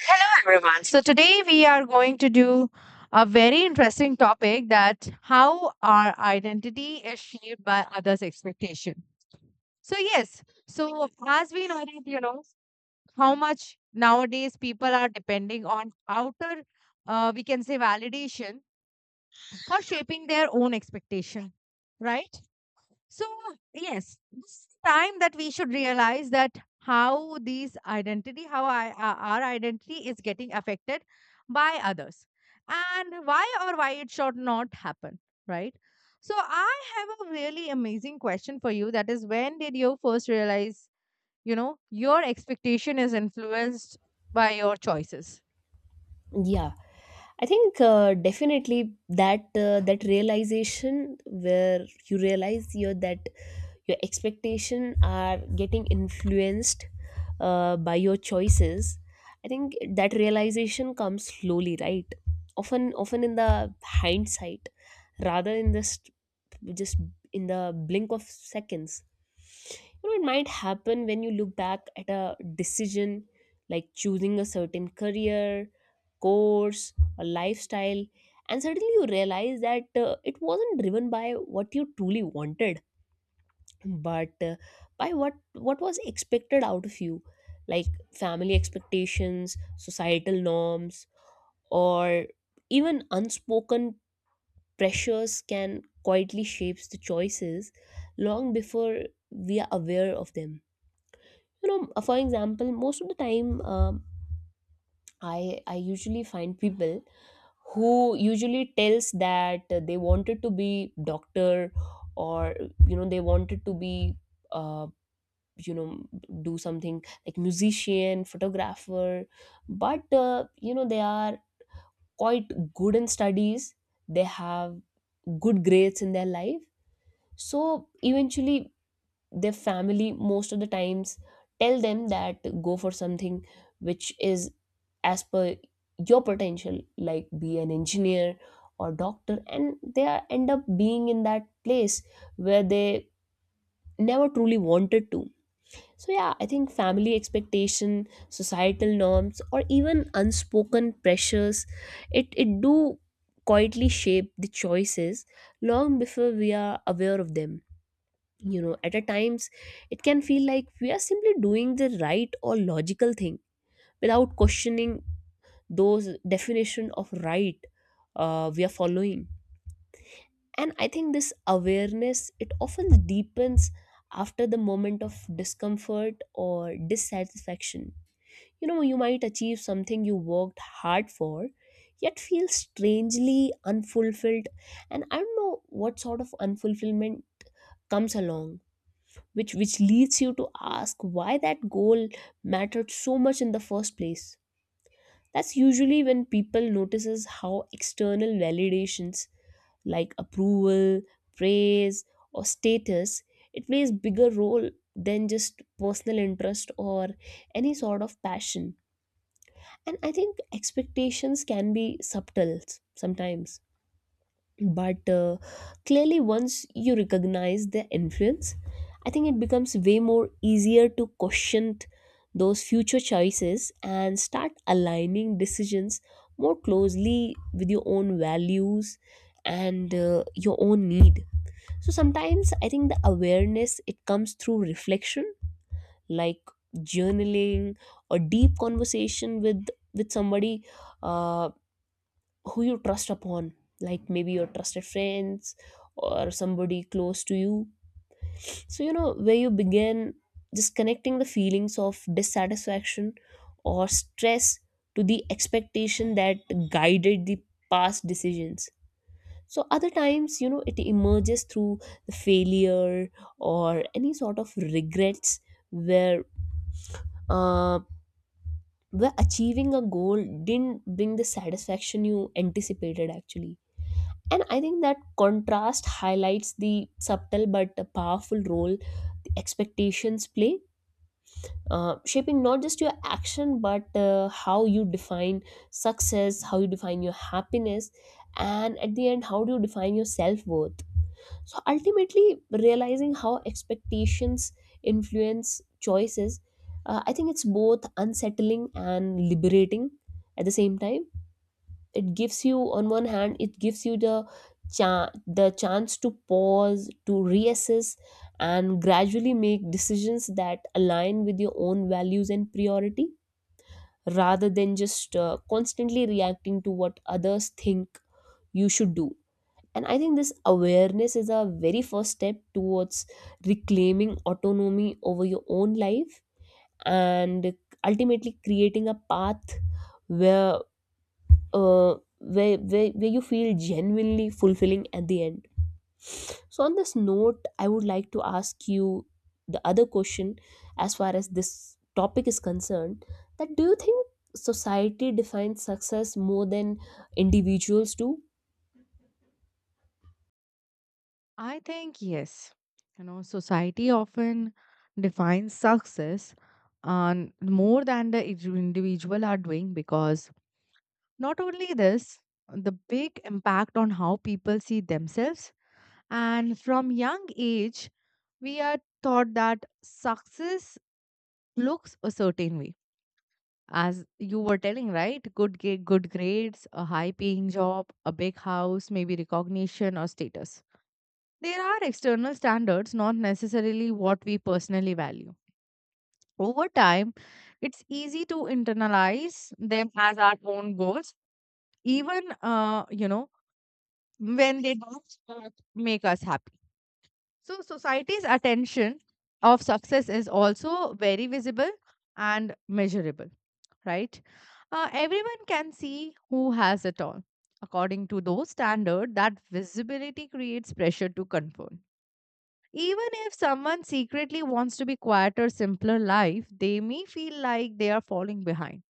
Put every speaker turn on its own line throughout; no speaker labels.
Hello, everyone. So today we are going to do a very interesting topic that how our identity is shaped by others' expectation. So as we know that how much nowadays people are depending on outer, we can say validation for shaping their own expectation, right? So, yes, this is the time that we should realize that how these identity, how I, our identity is getting affected by others and why or why it should not happen, right? So, I have a really amazing question for you that is, when did you first realize, your expectation is influenced by your choices?
Yeah, I think definitely that that realization where you realize your that your expectation are getting influenced by your choices. I think that realization comes slowly, right? Often in the hindsight, rather in this just in the blink of seconds, you know, it might happen when you look back at a decision like choosing a certain career course or lifestyle, and suddenly you realize that it wasn't driven by what you truly wanted but by what was expected out of you, like family expectations, societal norms, or even unspoken pressures can quietly shapes the choices long before we are aware of them. You know, for example, most of the time, I usually find people who usually tells that they wanted to be doctor, or you know, they wanted to be uh, you know do something like musician, photographer, but you know, they are quite good in studies, they have good grades in their life, so eventually their family most of the times tell them that go for something which is as per your potential, like be an engineer or doctor, and end up being in that place where they never truly wanted to. So yeah, I think family expectation, societal norms, or even unspoken pressures, it do quietly shape the choices long before we are aware of them. You know, at a times it can feel like we are simply doing the right or logical thing without questioning those definition of right we are following, and I think this awareness it often deepens after the moment of discomfort or dissatisfaction. You know, you might achieve something you worked hard for yet feel strangely unfulfilled, and I don't know what sort of unfulfillment comes along which leads you to ask why that goal mattered so much in the first place. That's usually when people notices how external validations like approval, praise, or status, it plays bigger role than just personal interest or any sort of passion. And I think expectations can be subtle sometimes, but clearly once you recognize their influence, I think it becomes way more easier to question those future choices and start aligning decisions more closely with your own values and your own need. So sometimes I think the awareness it comes through reflection, like journaling or deep conversation with somebody uh, who you trust upon, like maybe your trusted friends or somebody close to you. So you know, where you begin just connecting the feelings of dissatisfaction or stress to the expectation that guided the past decisions. So other times, you know, it emerges through the failure or any sort of regrets where uh, where achieving a goal didn't bring the satisfaction you anticipated actually. And I think that contrast highlights the subtle but powerful role the expectations play, shaping not just your action but how you define success, how you define your happiness, and at the end, how do you define your self worth. So ultimately, realizing how expectations influence choices, I think it's both unsettling and liberating at the same time. It gives you, on one hand it gives you the the chance to pause, to reassess, and gradually make decisions that align with your own values and priority rather than just constantly reacting to what others think you should do. And I think this awareness is a very first step towards reclaiming autonomy over your own life, and ultimately creating a path where where you feel genuinely fulfilling at the end. So on this note, I would like to ask you the other question, as far as this topic is concerned, that do you think society defines success more than individuals do?
I think yes. You know, society often defines success on more than the individual are doing because not only this, the big impact on how people see themselves. And from young age, we are taught that success looks a certain way. As you were telling, right? Good grades, a high paying job, a big house, maybe recognition or status. There are external standards, not necessarily what we personally value. Over time, it's easy to internalize them as our own goals, even, when they don't make us happy. So, society's attention of success is also very visible and measurable, right? Everyone can see who has it all. According to those standards, that visibility creates pressure to conform. Even if someone secretly wants to be quieter, simpler life, they may feel like they are falling behind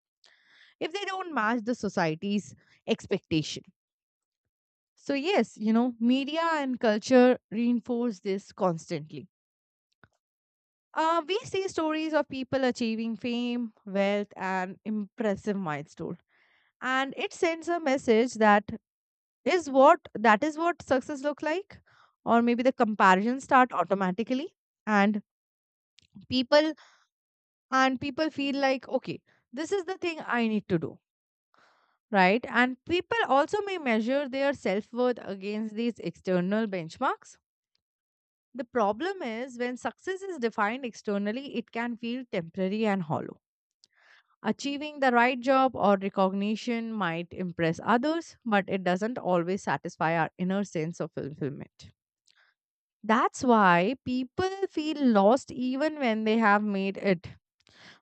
if they don't match the society's expectation. So yes, media and culture reinforce this constantly. We see stories of people achieving fame, wealth, and impressive milestone, and it sends a message that is what success look like, or maybe the comparisons start automatically, and people people feel like, okay, this is the thing I need to do, right? And people also may measure their self-worth against these external benchmarks. The problem is when success is defined externally, it can feel temporary and hollow. Achieving the right job or recognition might impress others but it doesn't always satisfy our inner sense of fulfillment. That's why people feel lost even when they have made it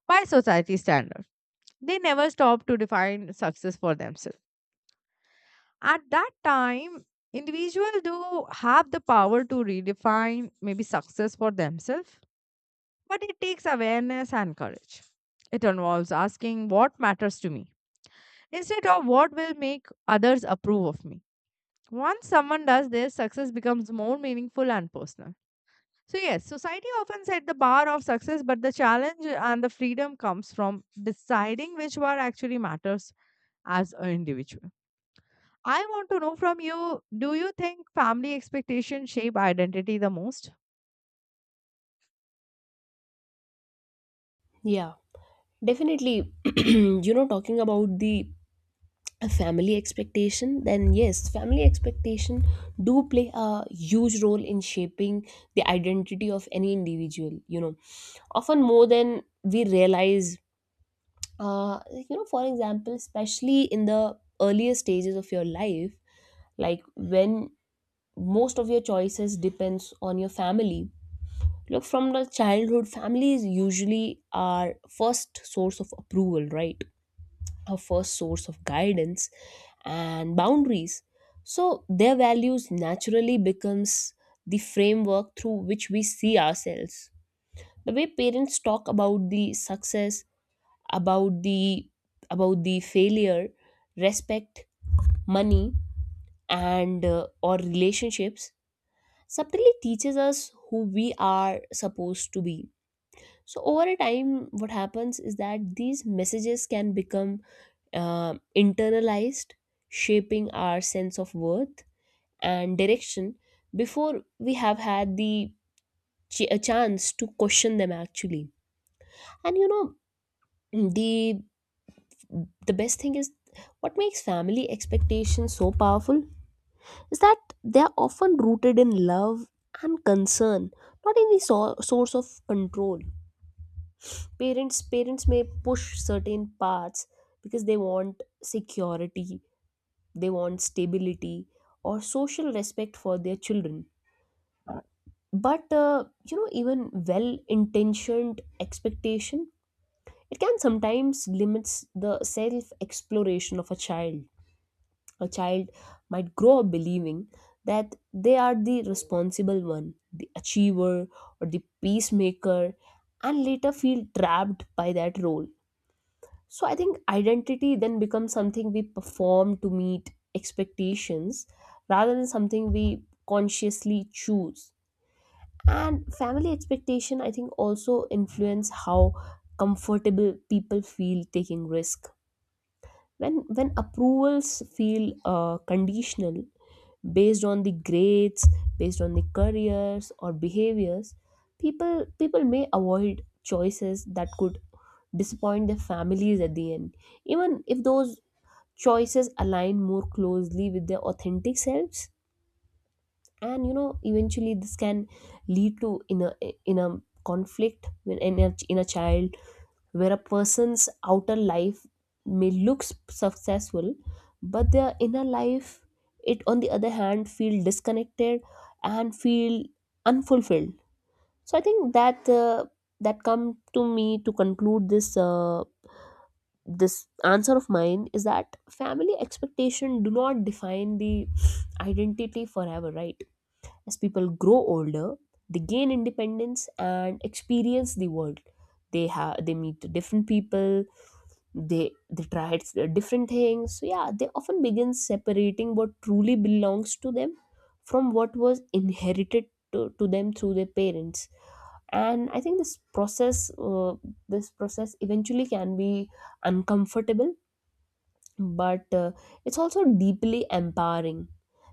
by society standards. They never stop to define success for themselves. At that time, individuals do have the power to redefine maybe success for themselves, but it takes awareness and courage. It involves asking what matters to me instead of what will make others approve of me. Once someone does this, success becomes more meaningful and personal. So, yes, society often set the bar of success, but the challenge and the freedom comes from deciding which bar actually matters as an individual. I want to know from you, do you think family expectations shape identity the most?
Yeah, definitely. You know, talking about the a family expectation, then yes, family expectation do play a huge role in shaping the identity of any individual, you know, often more than we realize. You know, for example, especially in the earlier stages of your life, like when most of your choices depends on your family. Look, from the childhood, family is usually our first source of approval, right? A first source of guidance and boundaries. So their values naturally becomes the framework through which we see ourselves. The way parents talk about the success, about the failure, respect, money, and or relationships, subtly teaches us who we are supposed to be. So over a time what happens is that these messages can become internalized, shaping our sense of worth and direction before we have had the a chance to question them actually. And you know, the the best thing is what makes family expectations so powerful is that they are often rooted in love and concern, not in the source of control. Parents may push certain paths because they want security, they want stability, or social respect for their children. But you know, even well intentioned expectation, it can sometimes limits the self exploration of a child. A child might grow up believing that they are the responsible one, the achiever, or the peacemaker, and later feel trapped by that role. So I think identity then becomes something we perform to meet expectations rather than something we consciously choose. And family expectation I think also influence how comfortable people feel taking risk. When approvals feel conditional, based on the grades, based on the careers or behaviors, people may avoid choices that could disappoint their families at the end, even if those choices align more closely with their authentic selves. And you know, eventually this can lead to in a conflict in a child where a person's outer life may look successful, but their inner life, it on the other hand feel disconnected and feel unfulfilled. So I think that that come to me to conclude this this answer of mine is that family expectation do not define the identity forever, right? As people grow older, they gain independence and experience the world, they have they meet different people, they try different things. So yeah, they often begin separating what truly belongs to them from what was inherited to them through their parents. And I think this process eventually can be uncomfortable, but it's also deeply empowering.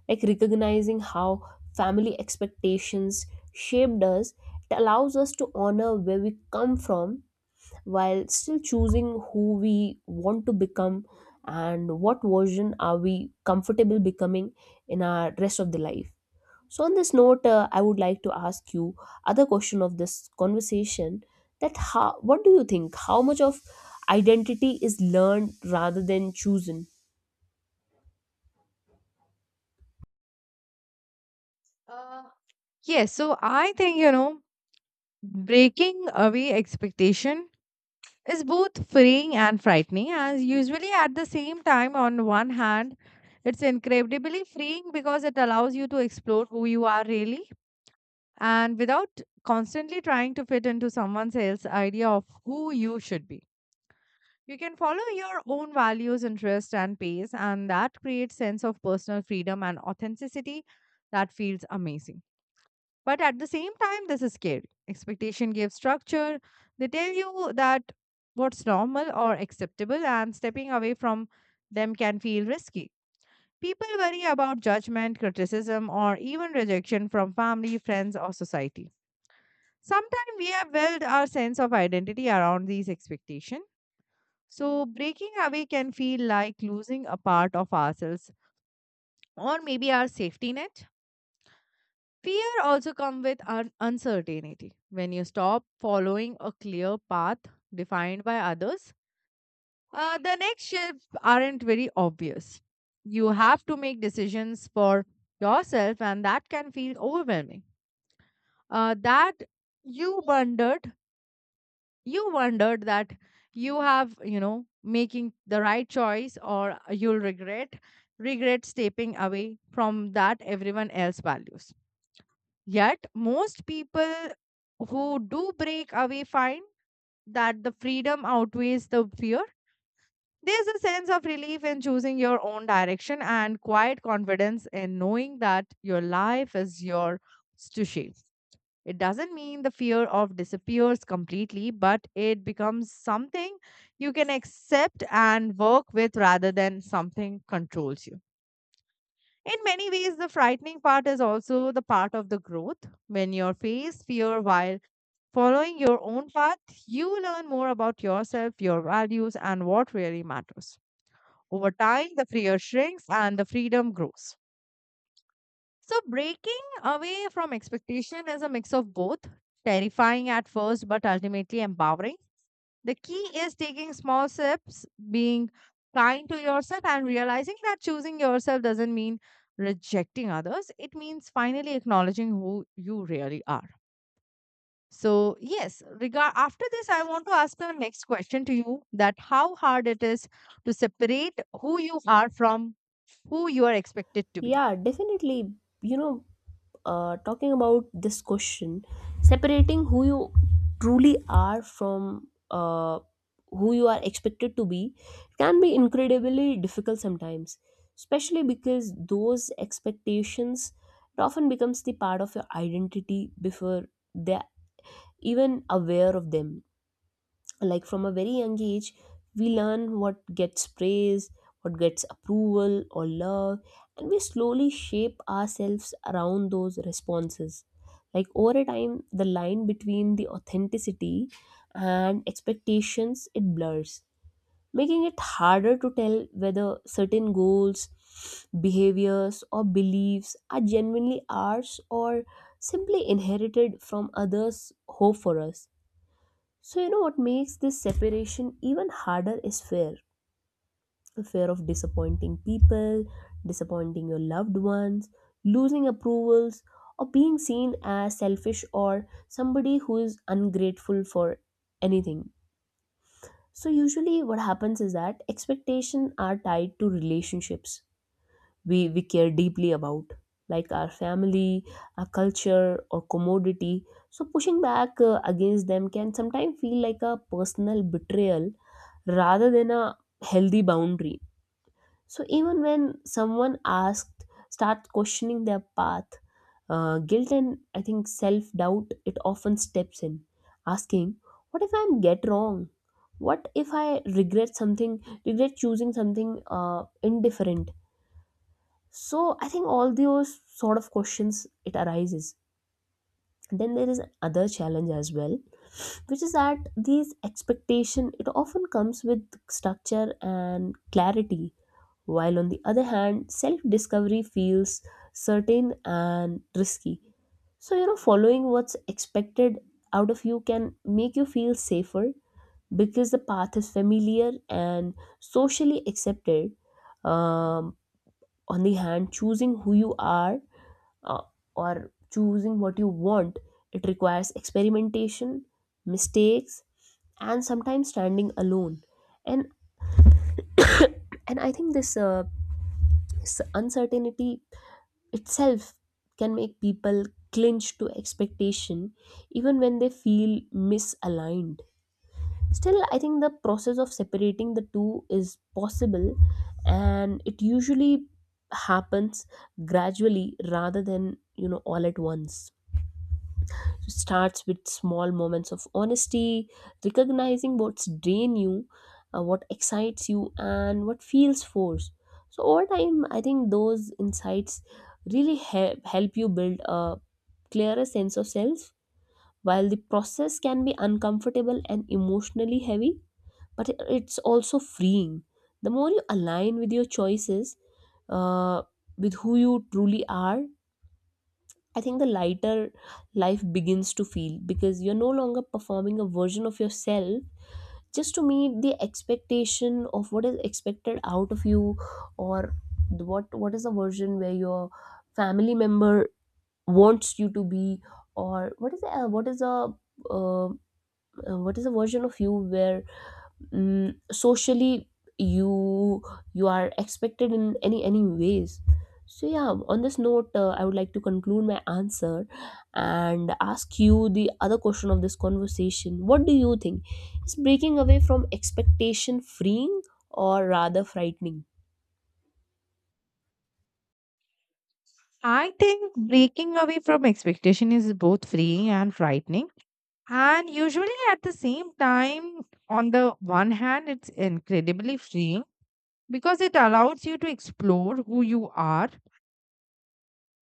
Like recognizing how family expectations shaped us, it allows us to honor where we come from while still choosing who we want to become, and what version are we comfortable becoming in our rest of the life. So on this note, I would like to ask you other question of this conversation, that how what do you think how much of identity is learned rather than chosen?
Yes, so I think, breaking away expectation is both freeing and frightening as usually at the same time. On one hand, it's incredibly freeing because it allows you to explore who you are really, and without constantly trying to fit into someone else's idea of who you should be. You can follow your own values, interests, and pace, and that creates sense of personal freedom and authenticity that feels amazing. But at the same time, this is scary. Expectation gives structure. They tell you that what's normal or acceptable, and stepping away from them can feel risky. People worry about judgment, criticism, or even rejection from family, friends, or society. Sometimes we have built our sense of identity around these expectations. So, breaking away can feel like losing a part of ourselves or maybe our safety net. Fear also comes with uncertainty. When you stop following a clear path defined by others, the next shifts aren't very obvious. You have to make decisions for yourself, and that can feel overwhelming. That you wondered, you wondered that you have, making the right choice, or you'll regret stepping away from that everyone else values. Yet, most people who do break away find that the freedom outweighs the fear. There's a sense of relief in choosing your own direction and quiet confidence in knowing that your life is yours to shape. It doesn't mean the fear of disappears completely, but it becomes something you can accept and work with rather than something controls you. In many ways, the frightening part is also the part of the growth. When you face fear while following your own path, you learn more about yourself, your values, and what really matters. Over time, the fear shrinks and the freedom grows. So, breaking away from expectation is a mix of both, terrifying at first, but ultimately empowering. The key is taking small steps, being kind to yourself, and realizing that choosing yourself doesn't mean rejecting others. It means finally acknowledging who you really are. So, yes, regard after this, I want to ask the next question to you, that how hard it is to separate who you are from who you are expected to be.
Yeah, definitely. You know, talking about this question, separating who you truly are from who you are expected to be can be incredibly difficult sometimes, especially because those expectations it often becomes the part of your identity before they're even aware of them. Like from a very young age we learn what gets praise, what gets approval or love, and we slowly shape ourselves around those responses. Like over a time the line between the authenticity and expectations it blurs, making it harder to tell whether certain goals, behaviors, or beliefs are genuinely ours or simply inherited from others hope for us. So you know, what makes this separation even harder is fear. The fear of disappointing people, disappointing your loved ones, losing approvals, or being seen as selfish or somebody who is ungrateful for anything. So usually what happens is that expectations are tied to relationships we care deeply about, like our family, our culture, or commodity. So pushing back against them can sometimes feel like a personal betrayal rather than a healthy boundary. So even when someone asked, starts questioning their path, guilt and I think self doubt it often steps in, asking, "What if I get wrong? What if I regret something? Regret choosing something indifferent?" So I think all those sort of questions it arises. Then there is another challenge as well, which is that these expectation it often comes with structure and clarity, while on the other hand self discovery feels certain and risky. So you know, following what's expected out of you can make you feel safer because the path is familiar and socially accepted. um, on the hand choosing who you are uh, or choosing what you want, it requires experimentation, mistakes, and sometimes standing alone. And I think this uncertainty itself can make people clinch to expectation, even when they feel misaligned. Still, I think the process of separating the two is possible, and it usually happens gradually rather than you know all at once. Starts with small moments of honesty, recognizing what's drain you, what excites you, and what feels forced. So over time, I think those insights really help you build a clearer sense of self. While the process can be uncomfortable and emotionally heavy, but it's also freeing. The more you align with your choices, uh, with who you truly are, I think the lighter life begins to feel because you're no longer performing a version of yourself just to meet the expectation of what is expected out of you or what is the version where your family member wants you to be or what is the, uh, what is a version of you where socially you you are expected in any ways. So yeah, on this note, I would like to conclude my answer and ask you the other question of this conversation. What do you think, is breaking away from expectation freeing or rather frightening?
I think breaking away from expectation is both freeing and frightening. And usually at the same time, on the one hand, it's incredibly freeing because it allows you to explore who you are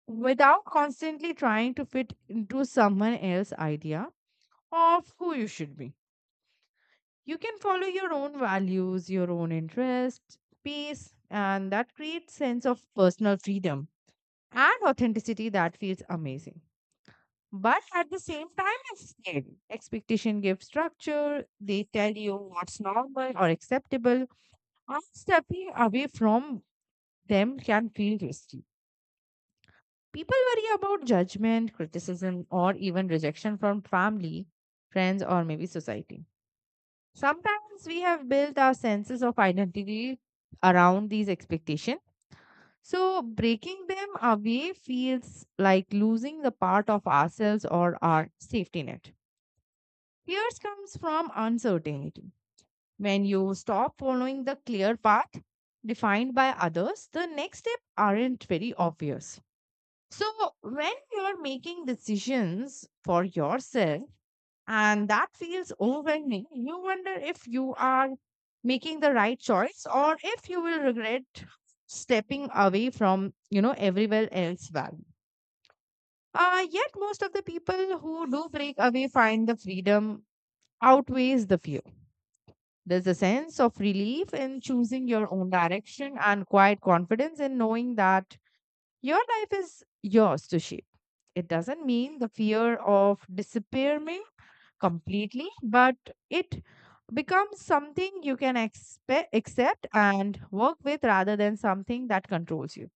without constantly trying to fit into someone else's idea of who you should be. You can follow your own values, your own interests, peace, and that creates sense of personal freedom and authenticity that feels amazing. But at the same time, it's scary. Expectation gives structure. They tell you what's normal or acceptable. And stepping away from them can feel risky. People worry about judgment, criticism, or even rejection from family, friends, or maybe society. Sometimes we have built our senses of identity around these expectations. So breaking them away feels like losing the part of ourselves or our safety net. Fears comes from uncertainty. When you stop following the clear path defined by others, the next step aren't very obvious. So when you're making decisions for yourself, and that feels overwhelming, you wonder if you are making the right choice or if you will regret stepping away from, everywhere else value. Yet most of the people who do break away find the freedom outweighs the fear. There's a sense of relief in choosing your own direction and quiet confidence in knowing that your life is yours to shape. It doesn't mean the fear of disappearing completely, but it becomes something you can accept and work with rather than something that controls you.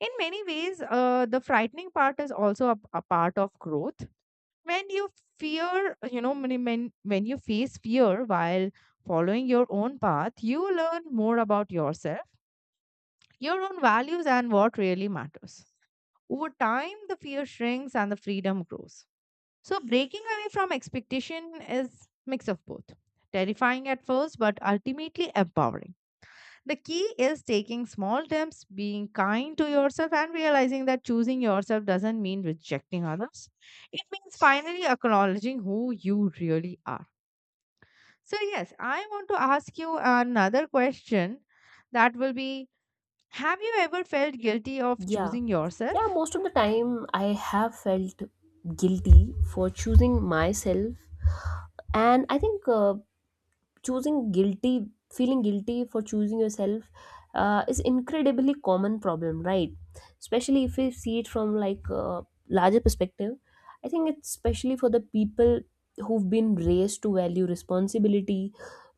In many ways, the frightening part is also a part of growth. When you fear you know when, when when you face fear while following your own path, you learn more about yourself, your own values, and what really matters. Over time, the fear shrinks and the freedom grows. So breaking away from expectation is mix of both, terrifying at first, but ultimately empowering. The key is taking small steps, being kind to yourself, and realizing that choosing yourself doesn't mean rejecting others. It means finally acknowledging who you really are. So, yes, I want to ask you another question that will be, have you ever felt guilty of
Yeah,
choosing
yeah,
yourself?
most of the time I have felt guilty for choosing myself. And I think choosing guilty feeling guilty for choosing yourself is incredibly common problem, right? Especially if we see it from like a larger perspective. I think it's especially for the people who've been raised to value responsibility,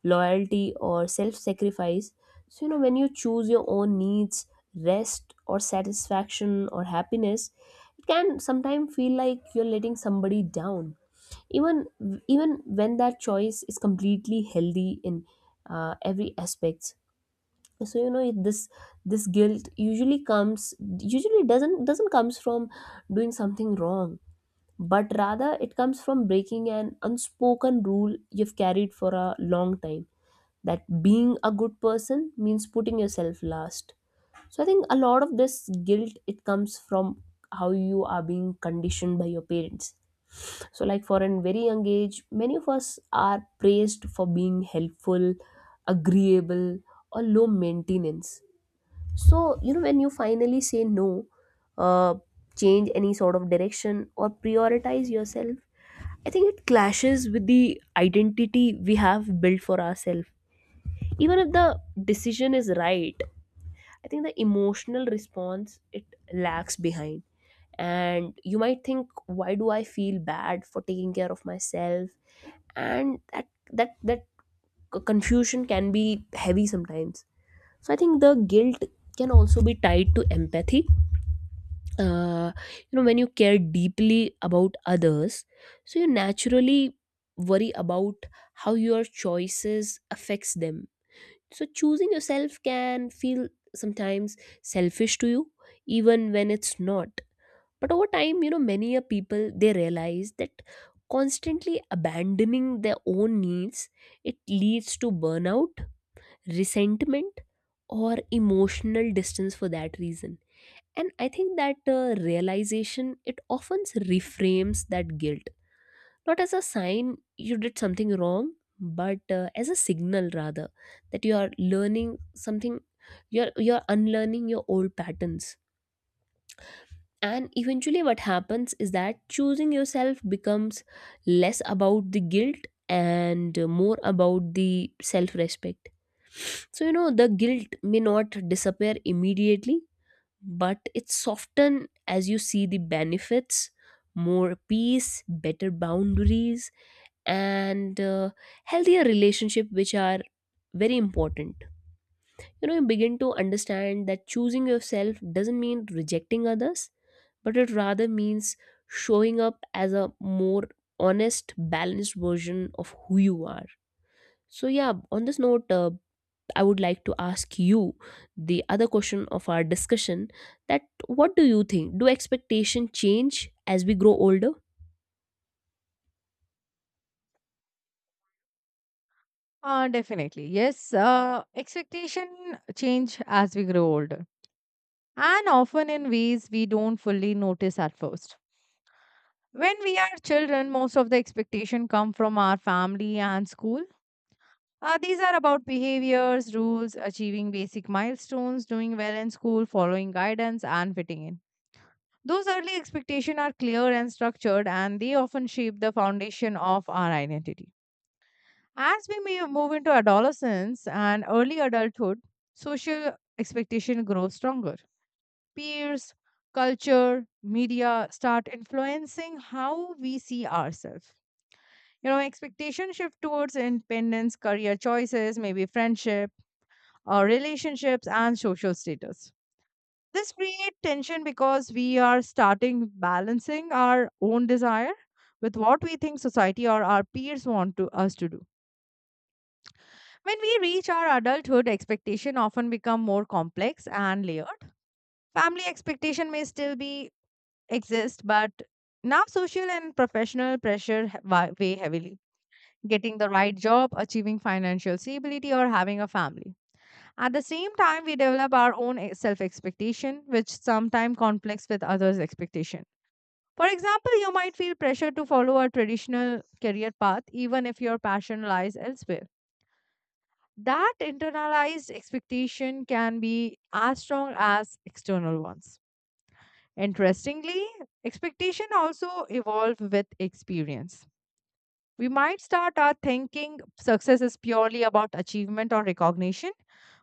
loyalty, or self-sacrifice. So you know, when you choose your own needs, rest or satisfaction or happiness, it can sometimes feel like you're letting somebody down, even even when that choice is completely healthy in every aspects. So you know, this guilt usually comes usually doesn't comes from doing something wrong, but rather it comes from breaking an unspoken rule you've carried for a long time, that being a good person means putting yourself last. So I think a lot of this guilt, it comes from how you are being conditioned by your parents. So like, for a very young age, many of us are praised for being helpful, agreeable, or low maintenance. So you know, when you finally say no, uh, change any sort of direction or prioritize yourself, I think it clashes with the identity we have built for ourselves. Even if the decision is right, I think the emotional response, it lags behind. And you might think, why do I feel bad for taking care of myself? And that confusion can be heavy sometimes. So I think the guilt can also be tied to empathy. Uh, you know, when you care deeply about others, so you naturally worry about how your choices affects them. So choosing yourself can feel sometimes selfish to you, even when it's not. But over time, you know, many a people, they realize that constantly abandoning their own needs, it leads to burnout, resentment, or emotional distance for that reason. And I think that realization, it often reframes that guilt, not as a sign you did something wrong, but as a signal rather, that you are learning something, you're unlearning your old patterns. And eventually what happens is that choosing yourself becomes less about the guilt and more about the self respect. So you know, the guilt may not disappear immediately, but it's soften as you see the benefits: more peace, better boundaries, and healthier relationship, which are very important. You know, you begin to understand that choosing yourself doesn't mean rejecting others, but it rather means showing up as a more honest, balanced version of who you are. So yeah, on this note, I would like to ask you the other question of our discussion, that what do you think, do expectation change as we grow older?
Definitely. Yes, expectation change as we grow older and often in ways we don't fully notice at first. When we are children, most of the expectation come from our family and school. These are about behaviors, rules, achieving basic milestones, doing well in school, following guidance and fitting in. Those early expectations are clear and structured and they often shape the foundation of our identity. As we may move into adolescence and early adulthood, social expectation grows stronger. Peers, culture, media start influencing how we see ourselves. You know, expectation shift towards independence, career choices, maybe friendship, or relationships, and social status. This creates tension because we are starting balancing our own desire with what we think society or our peers want to us to do. When we reach our adulthood, expectation often become more complex and layered. Family expectation may still be exist, but now social and professional pressure weigh heavily. Getting the right job, achieving financial stability, or having a family. At the same time, we develop our own self expectation, which sometimes conflicts with others' expectation. For example, you might feel pressure to follow a traditional career path, even if your passion lies elsewhere. That internalized expectation can be as strong as external ones. Interestingly, expectation also evolve with experience. We might start our thinking success is purely about achievement or recognition,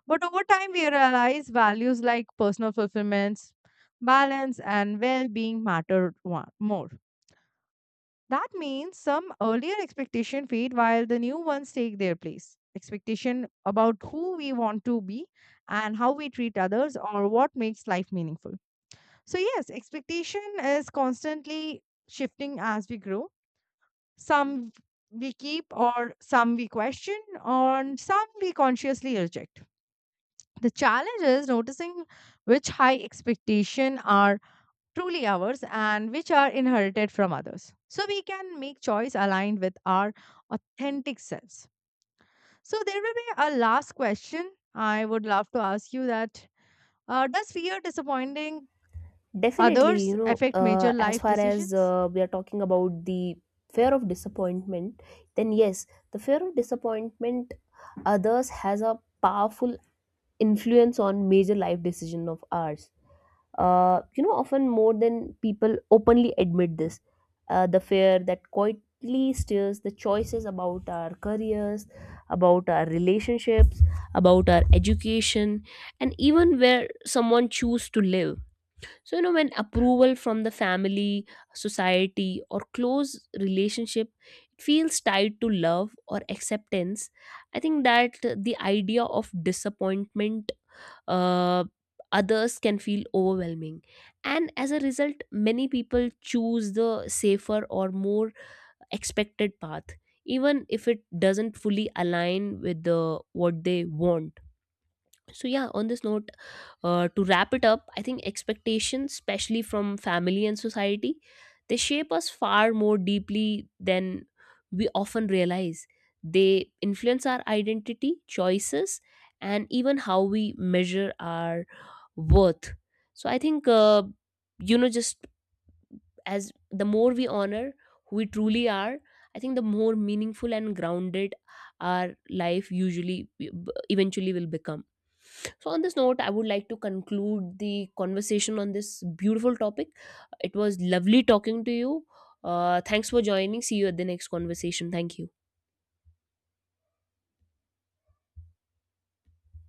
but over time we realize values like personal fulfillments, balance, and well-being matter more. That means some earlier expectation fade while the new ones take their place. Expectation about who we want to be and how we treat others or what makes life meaningful. So, yes, expectation is constantly shifting as we grow. Some we keep, or some we question, or some we consciously reject. The challenge is noticing which high expectation are truly ours and which are inherited from others. So we can make choice aligned with our authentic selves. So there will be a last question I would love to ask you that does fear disappointing
Definitely,
others
you know,
affect major
as
life
far as
decisions?
we are talking about the fear of disappointment, then yes, the fear of disappointment others has a powerful influence on major life decision of ours. You know, often more than people openly admit this. The fear that quietly steers the choices about our careers, about our relationships, about our education, and even where someone choose to live. So, you know, when approval from the family, society, or close relationship, it feels tied to love or acceptance, I think that the idea of disappointment uh, others can feel overwhelming. And as a result, many people choose the safer or more expected path, even if it doesn't fully align with the, what they want. So, yeah, on this note, to wrap it up, I think expectations, especially from family and society, they shape us far more deeply than we often realize. They influence our identity, choices, and even how we measure our worth. So I think, you know, just as the more we honor who we truly are, I think the more meaningful and grounded our life usually eventually will become. So on this note, I would like to conclude the conversation on this beautiful topic. It was lovely talking to you. Thanks for joining. See you at the next conversation. Thank you.